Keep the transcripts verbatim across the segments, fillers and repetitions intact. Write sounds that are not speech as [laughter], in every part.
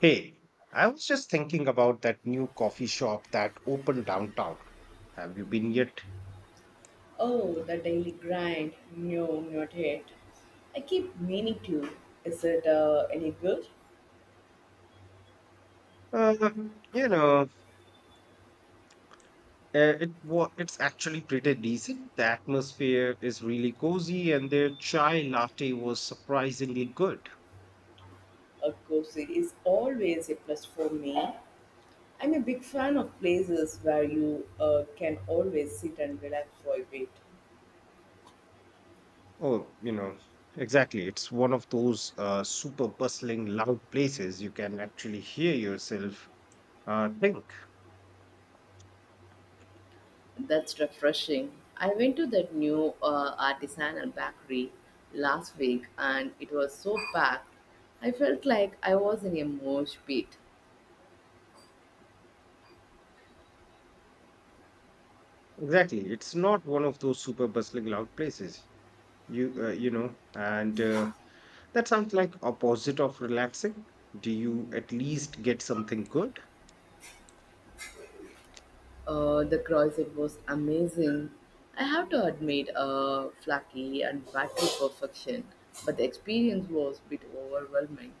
Hey, I was just thinking about that new coffee shop that opened downtown. Have you been yet? Oh, the daily grind. No, not yet. I keep meaning to. Is it uh, any good? Uh, you know, uh, it wa it's actually pretty decent. The atmosphere is really cozy, and their chai latte was surprisingly good. Of course, it is always a plus for me. I'm a big fan of places where you uh, can always sit and relax for a bit. Oh, you know, exactly. It's one of those uh, super bustling, loud places you can actually hear yourself uh, think. That's refreshing. I went to that new uh, artisanal bakery last week and it was so packed. I felt like I was in a mosh pit. Exactly. It's not one of those super bustling loud places. You uh, you know, and uh, that sounds like opposite of relaxing. Do you at least get something good? Uh, the croissant was amazing. I have to admit, uh, flaky and battery perfection, but the experience was a bit overwhelming.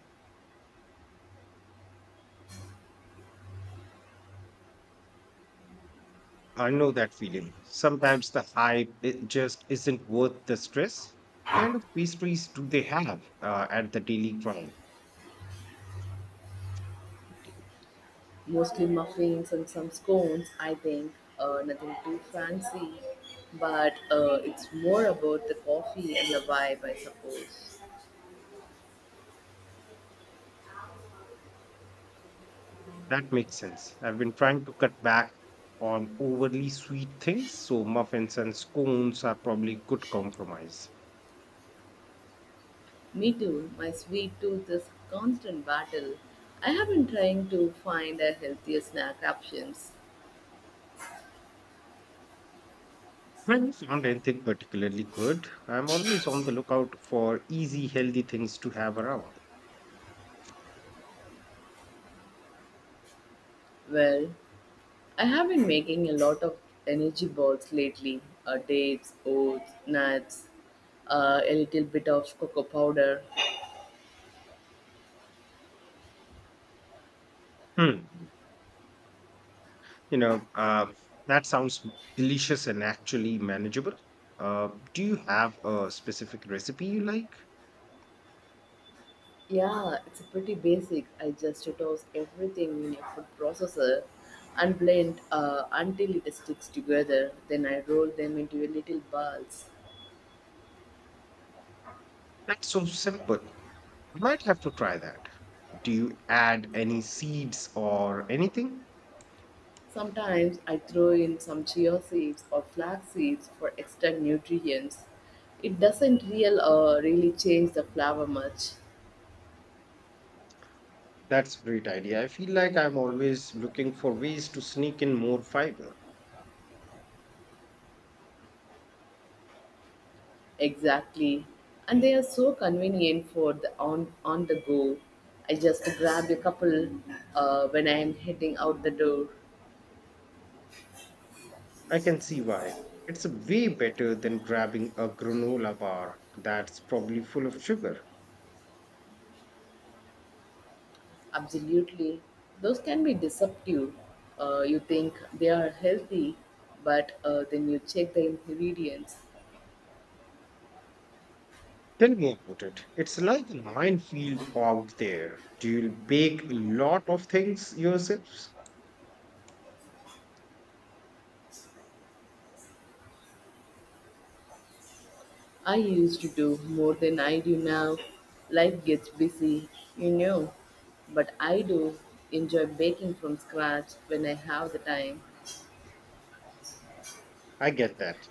I know that feeling. Sometimes the hype it just isn't worth the stress. What kind of pastries do they have uh, at the Daily Grind? Mostly muffins and some scones, I think. Uh, nothing too fancy, but uh, it's more about the coffee and the vibe, I suppose. That makes sense. I've been trying to cut back on overly sweet things, so muffins and scones are probably good compromise. Me too. My sweet tooth is constant battle. I have been trying to find a healthier snack options. Friends aren't anything particularly good. I'm always on the lookout for easy, healthy things to have around. Well, I have been making a lot of energy balls lately, uh, dates, oats, nuts, uh, a little bit of cocoa powder. Hmm. You know, uh, that sounds delicious and actually manageable. Uh, do you have a specific recipe you like? Yeah, it's pretty basic. I just toss everything in a food processor and blend uh, until it sticks together. Then I roll them into a little balls. That's so simple. I might have to try that. Do you add any seeds or anything? Sometimes I throw in some chia seeds or flax seeds for extra nutrients. It doesn't real, uh, really change the flavor much. That's a great idea. I feel like I'm always looking for ways to sneak in more fiber. Exactly. And they are so convenient for the on on the go. I just grab a couple uh, when I am heading out the door. I can see why. It's way better than grabbing a granola bar that's probably full of sugar. Absolutely. Those can be deceptive. Uh, you think they are healthy, but uh, then you check the ingredients. Tell me about it. It's like a minefield out there. Do you bake a lot of things yourselves? I used to do more than I do now. Life gets busy, you know. But I do enjoy baking from scratch when I have the time. I get that.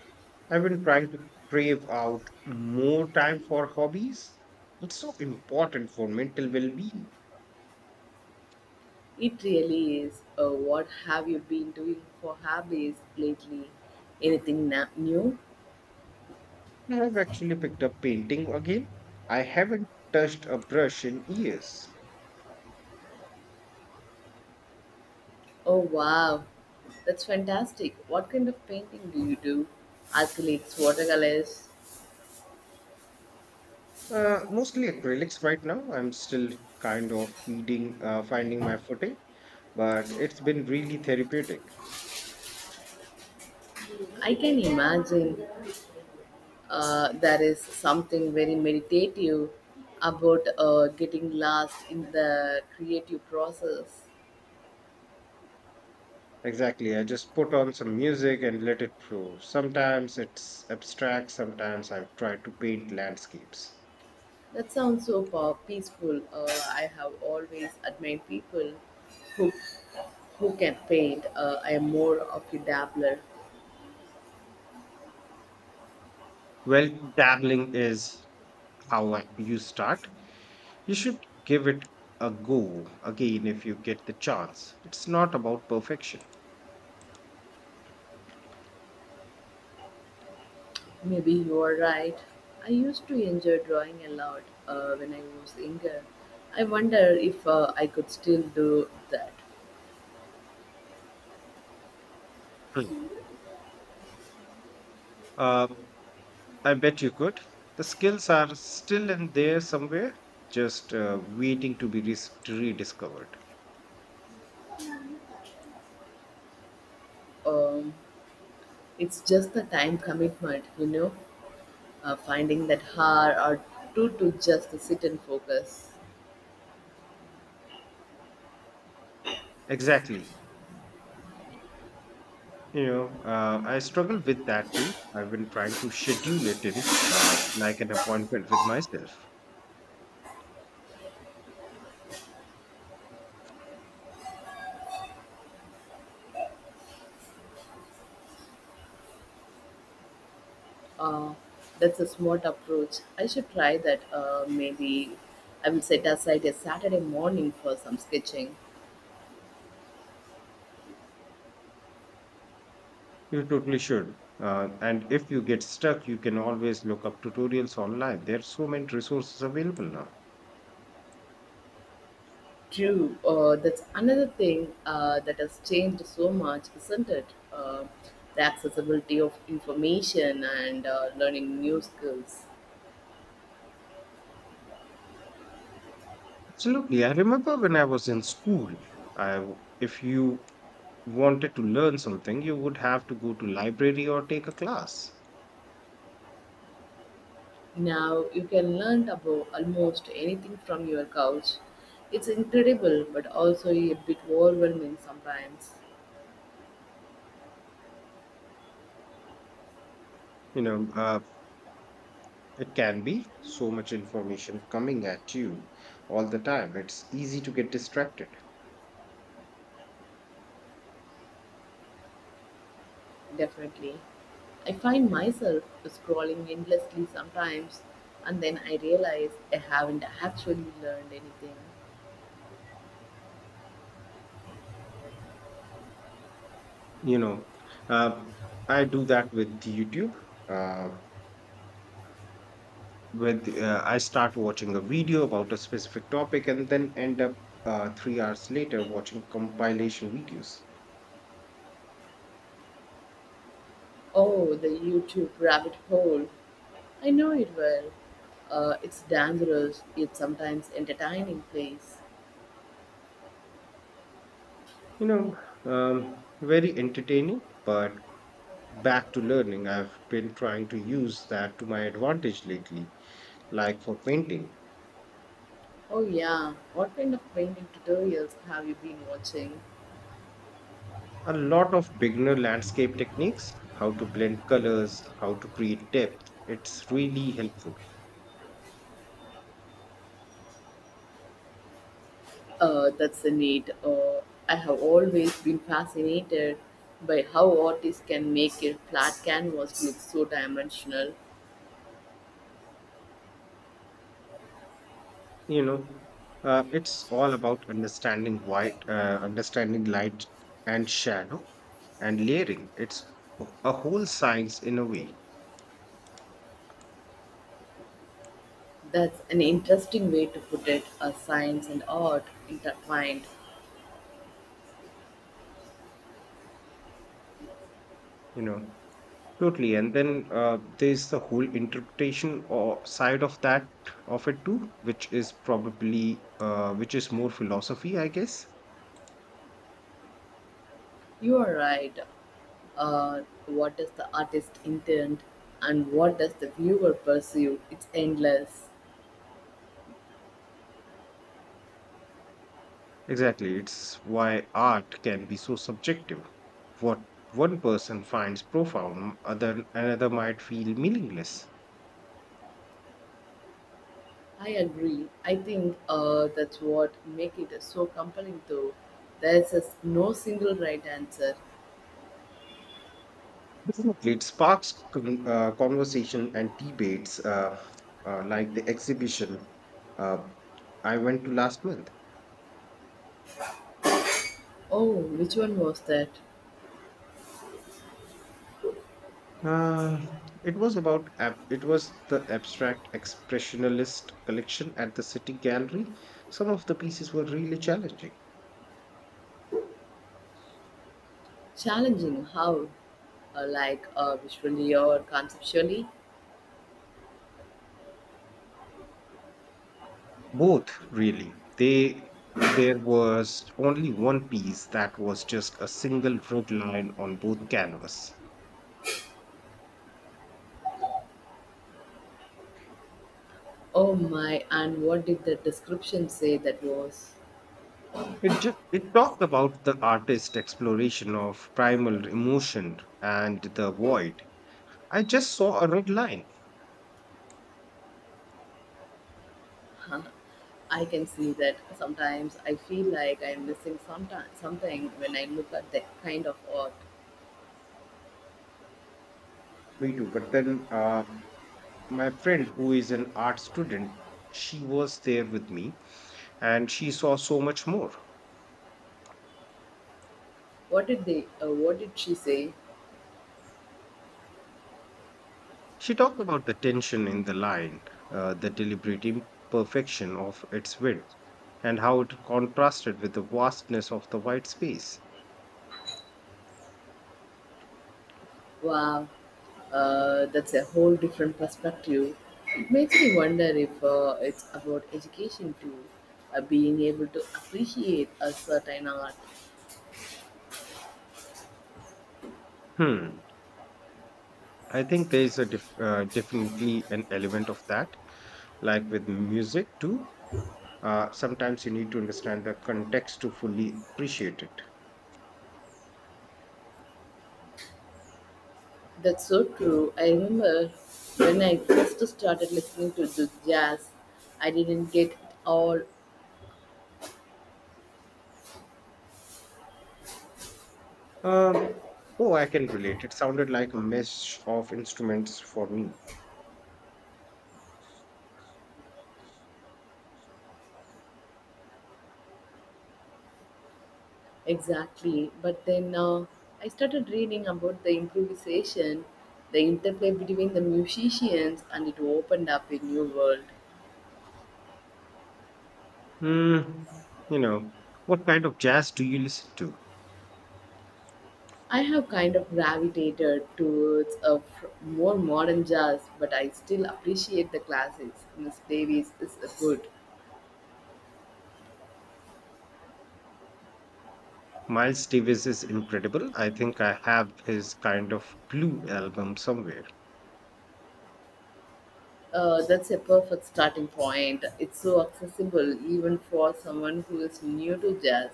I've been trying to crave out more time for hobbies. It's so important for mental well being. It really is. Uh, what have you been doing for hobbies lately? Anything na- new? I have actually picked up painting again. I haven't touched a brush in years. Oh wow, that's fantastic. What kind of painting do you do? Acrylics, watercolors? Uh, mostly acrylics right now. I'm still kind of feeding, uh, finding my footing, but it's been really therapeutic. I can imagine uh, there is something very meditative about uh, getting lost in the creative process. Exactly. I just put on some music and let it flow. Sometimes it's abstract, sometimes I try to paint landscapes. That sounds so pow- peaceful. Uh, I have always admired people who Who can paint? Uh, I am more of a dabbler. Well, dabbling is how I- you start. You should give it a go again if you get the chance. It's not about perfection. Maybe you are right. I used to enjoy drawing a lot uh, when I was younger. I wonder if uh, I could still do that. Hmm. Um, I bet you could. The skills are still in there somewhere, just uh, waiting to be res- rediscovered. Um, it's just the time commitment, you know, uh, finding that hour or two to just sit and focus. Exactly. You know, uh, I struggle with that too. I've been trying to schedule it in, uh, like an appointment with myself. Uh, that's a smart approach. I should try that. Uh, maybe I will set aside a Saturday morning for some sketching. You totally should. Uh, and if you get stuck, you can always look up tutorials online. There are so many resources available now. True. Uh, that's another thing uh, that has changed so much, isn't it? Uh, the accessibility of information and uh, learning new skills. Absolutely. I remember when I was in school, I, w- if you wanted to learn something, you would have to go to library or take a class. Now you can learn about almost anything from your couch. It's incredible, but also a bit overwhelming sometimes. You know, uh, it can be so much information coming at you all the time. It's easy to get distracted. Definitely. I find myself scrolling endlessly sometimes, and then I realize I haven't actually learned anything. You know, uh, I do that with YouTube. Uh, with uh, I start watching a video about a specific topic and then end up uh, three hours later watching compilation videos. Oh, the YouTube rabbit hole. I know it well. Uh, it's dangerous, yet sometimes entertaining place. You know, um, Very entertaining, but back to learning. I've been trying to use that to my advantage lately, like for painting. Oh, yeah. What kind of painting tutorials have you been watching? A lot of beginner landscape techniques, how to blend colors, how to create depth. It's really helpful. Uh, that's a need. Uh, I have always been fascinated by how artists can make a flat canvas look so dimensional. you know uh, it's all about understanding white uh, understanding light and shadow and layering. It's a whole science in a way. That's an interesting way to put it, a science and art intertwined. you know Totally. And then uh, there's the whole interpretation or side of that of it too, which is probably uh, which is more philosophy, I guess. You are right. Uh, what does the artist intend and what does the viewer perceive? It's endless. Exactly. It's why art can be so subjective. What one person finds profound, other another might feel meaningless. I agree. I think uh, that's what make it so compelling though. There's a s- no single right answer. It sparks con- uh, conversation and debates, uh, uh, like the exhibition uh, I went to last month. Oh, which one was that? Uh, it was about ab- it was the abstract expressionist collection at the City Gallery. Some of the pieces were really challenging. Challenging how? Uh, like uh, visually or conceptually? Both, really. They There was only one piece that was just a single red line on both canvas. Oh my, and what did the description say that was? It just it talked about the artist's exploration of primal emotion and the void. I just saw a red line. [laughs] uh I can see that. Sometimes I feel like I'm missing sometime, something when I look at that kind of art. Me too. But then uh, my friend, who is an art student, she was there with me, and she saw so much more. What did they? Uh, what did she say? She talked about the tension in the line, uh, the deliberate imperfection of its width, and how it contrasted with the vastness of the white space. Wow, uh, that's a whole different perspective. It makes me wonder if uh, it's about education too, uh, being able to appreciate a certain art. Hmm. I think there is a def- uh, definitely an element of that, like with music too. Uh, sometimes you need to understand the context to fully appreciate it. That's so true. I remember when I first started listening to the jazz, I didn't get all. Um, oh, I can relate. It sounded like a mesh of instruments for me. Exactly. But then uh, I started reading about the improvisation, the interplay between the musicians, and it opened up a new world. Mm, you know, what kind of jazz do you listen to? I have kind of gravitated towards a f- more modern jazz, but I still appreciate the classics. Miss Davis is a good. Miles Davis is incredible. I think I have his Kind of Blue album somewhere. Uh, that's a perfect starting point. It's so accessible even for someone who is new to jazz.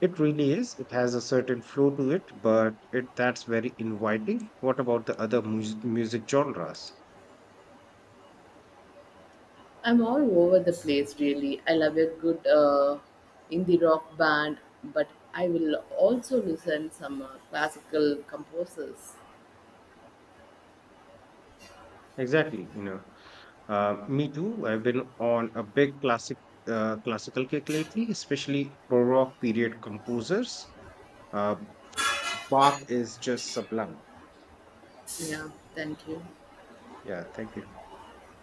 It really is. It has a certain flow to it, but it that's very inviting. What about the other mus music genres? I'm all over the place, really. I love a good uh, indie rock band, but I will also listen some uh, classical composers. Exactly, you know. Uh, Me too. I've been on a big classic uh, classical kick lately, especially Baroque period composers. Uh, Bach is just sublime. Yeah, thank you. Yeah, thank you.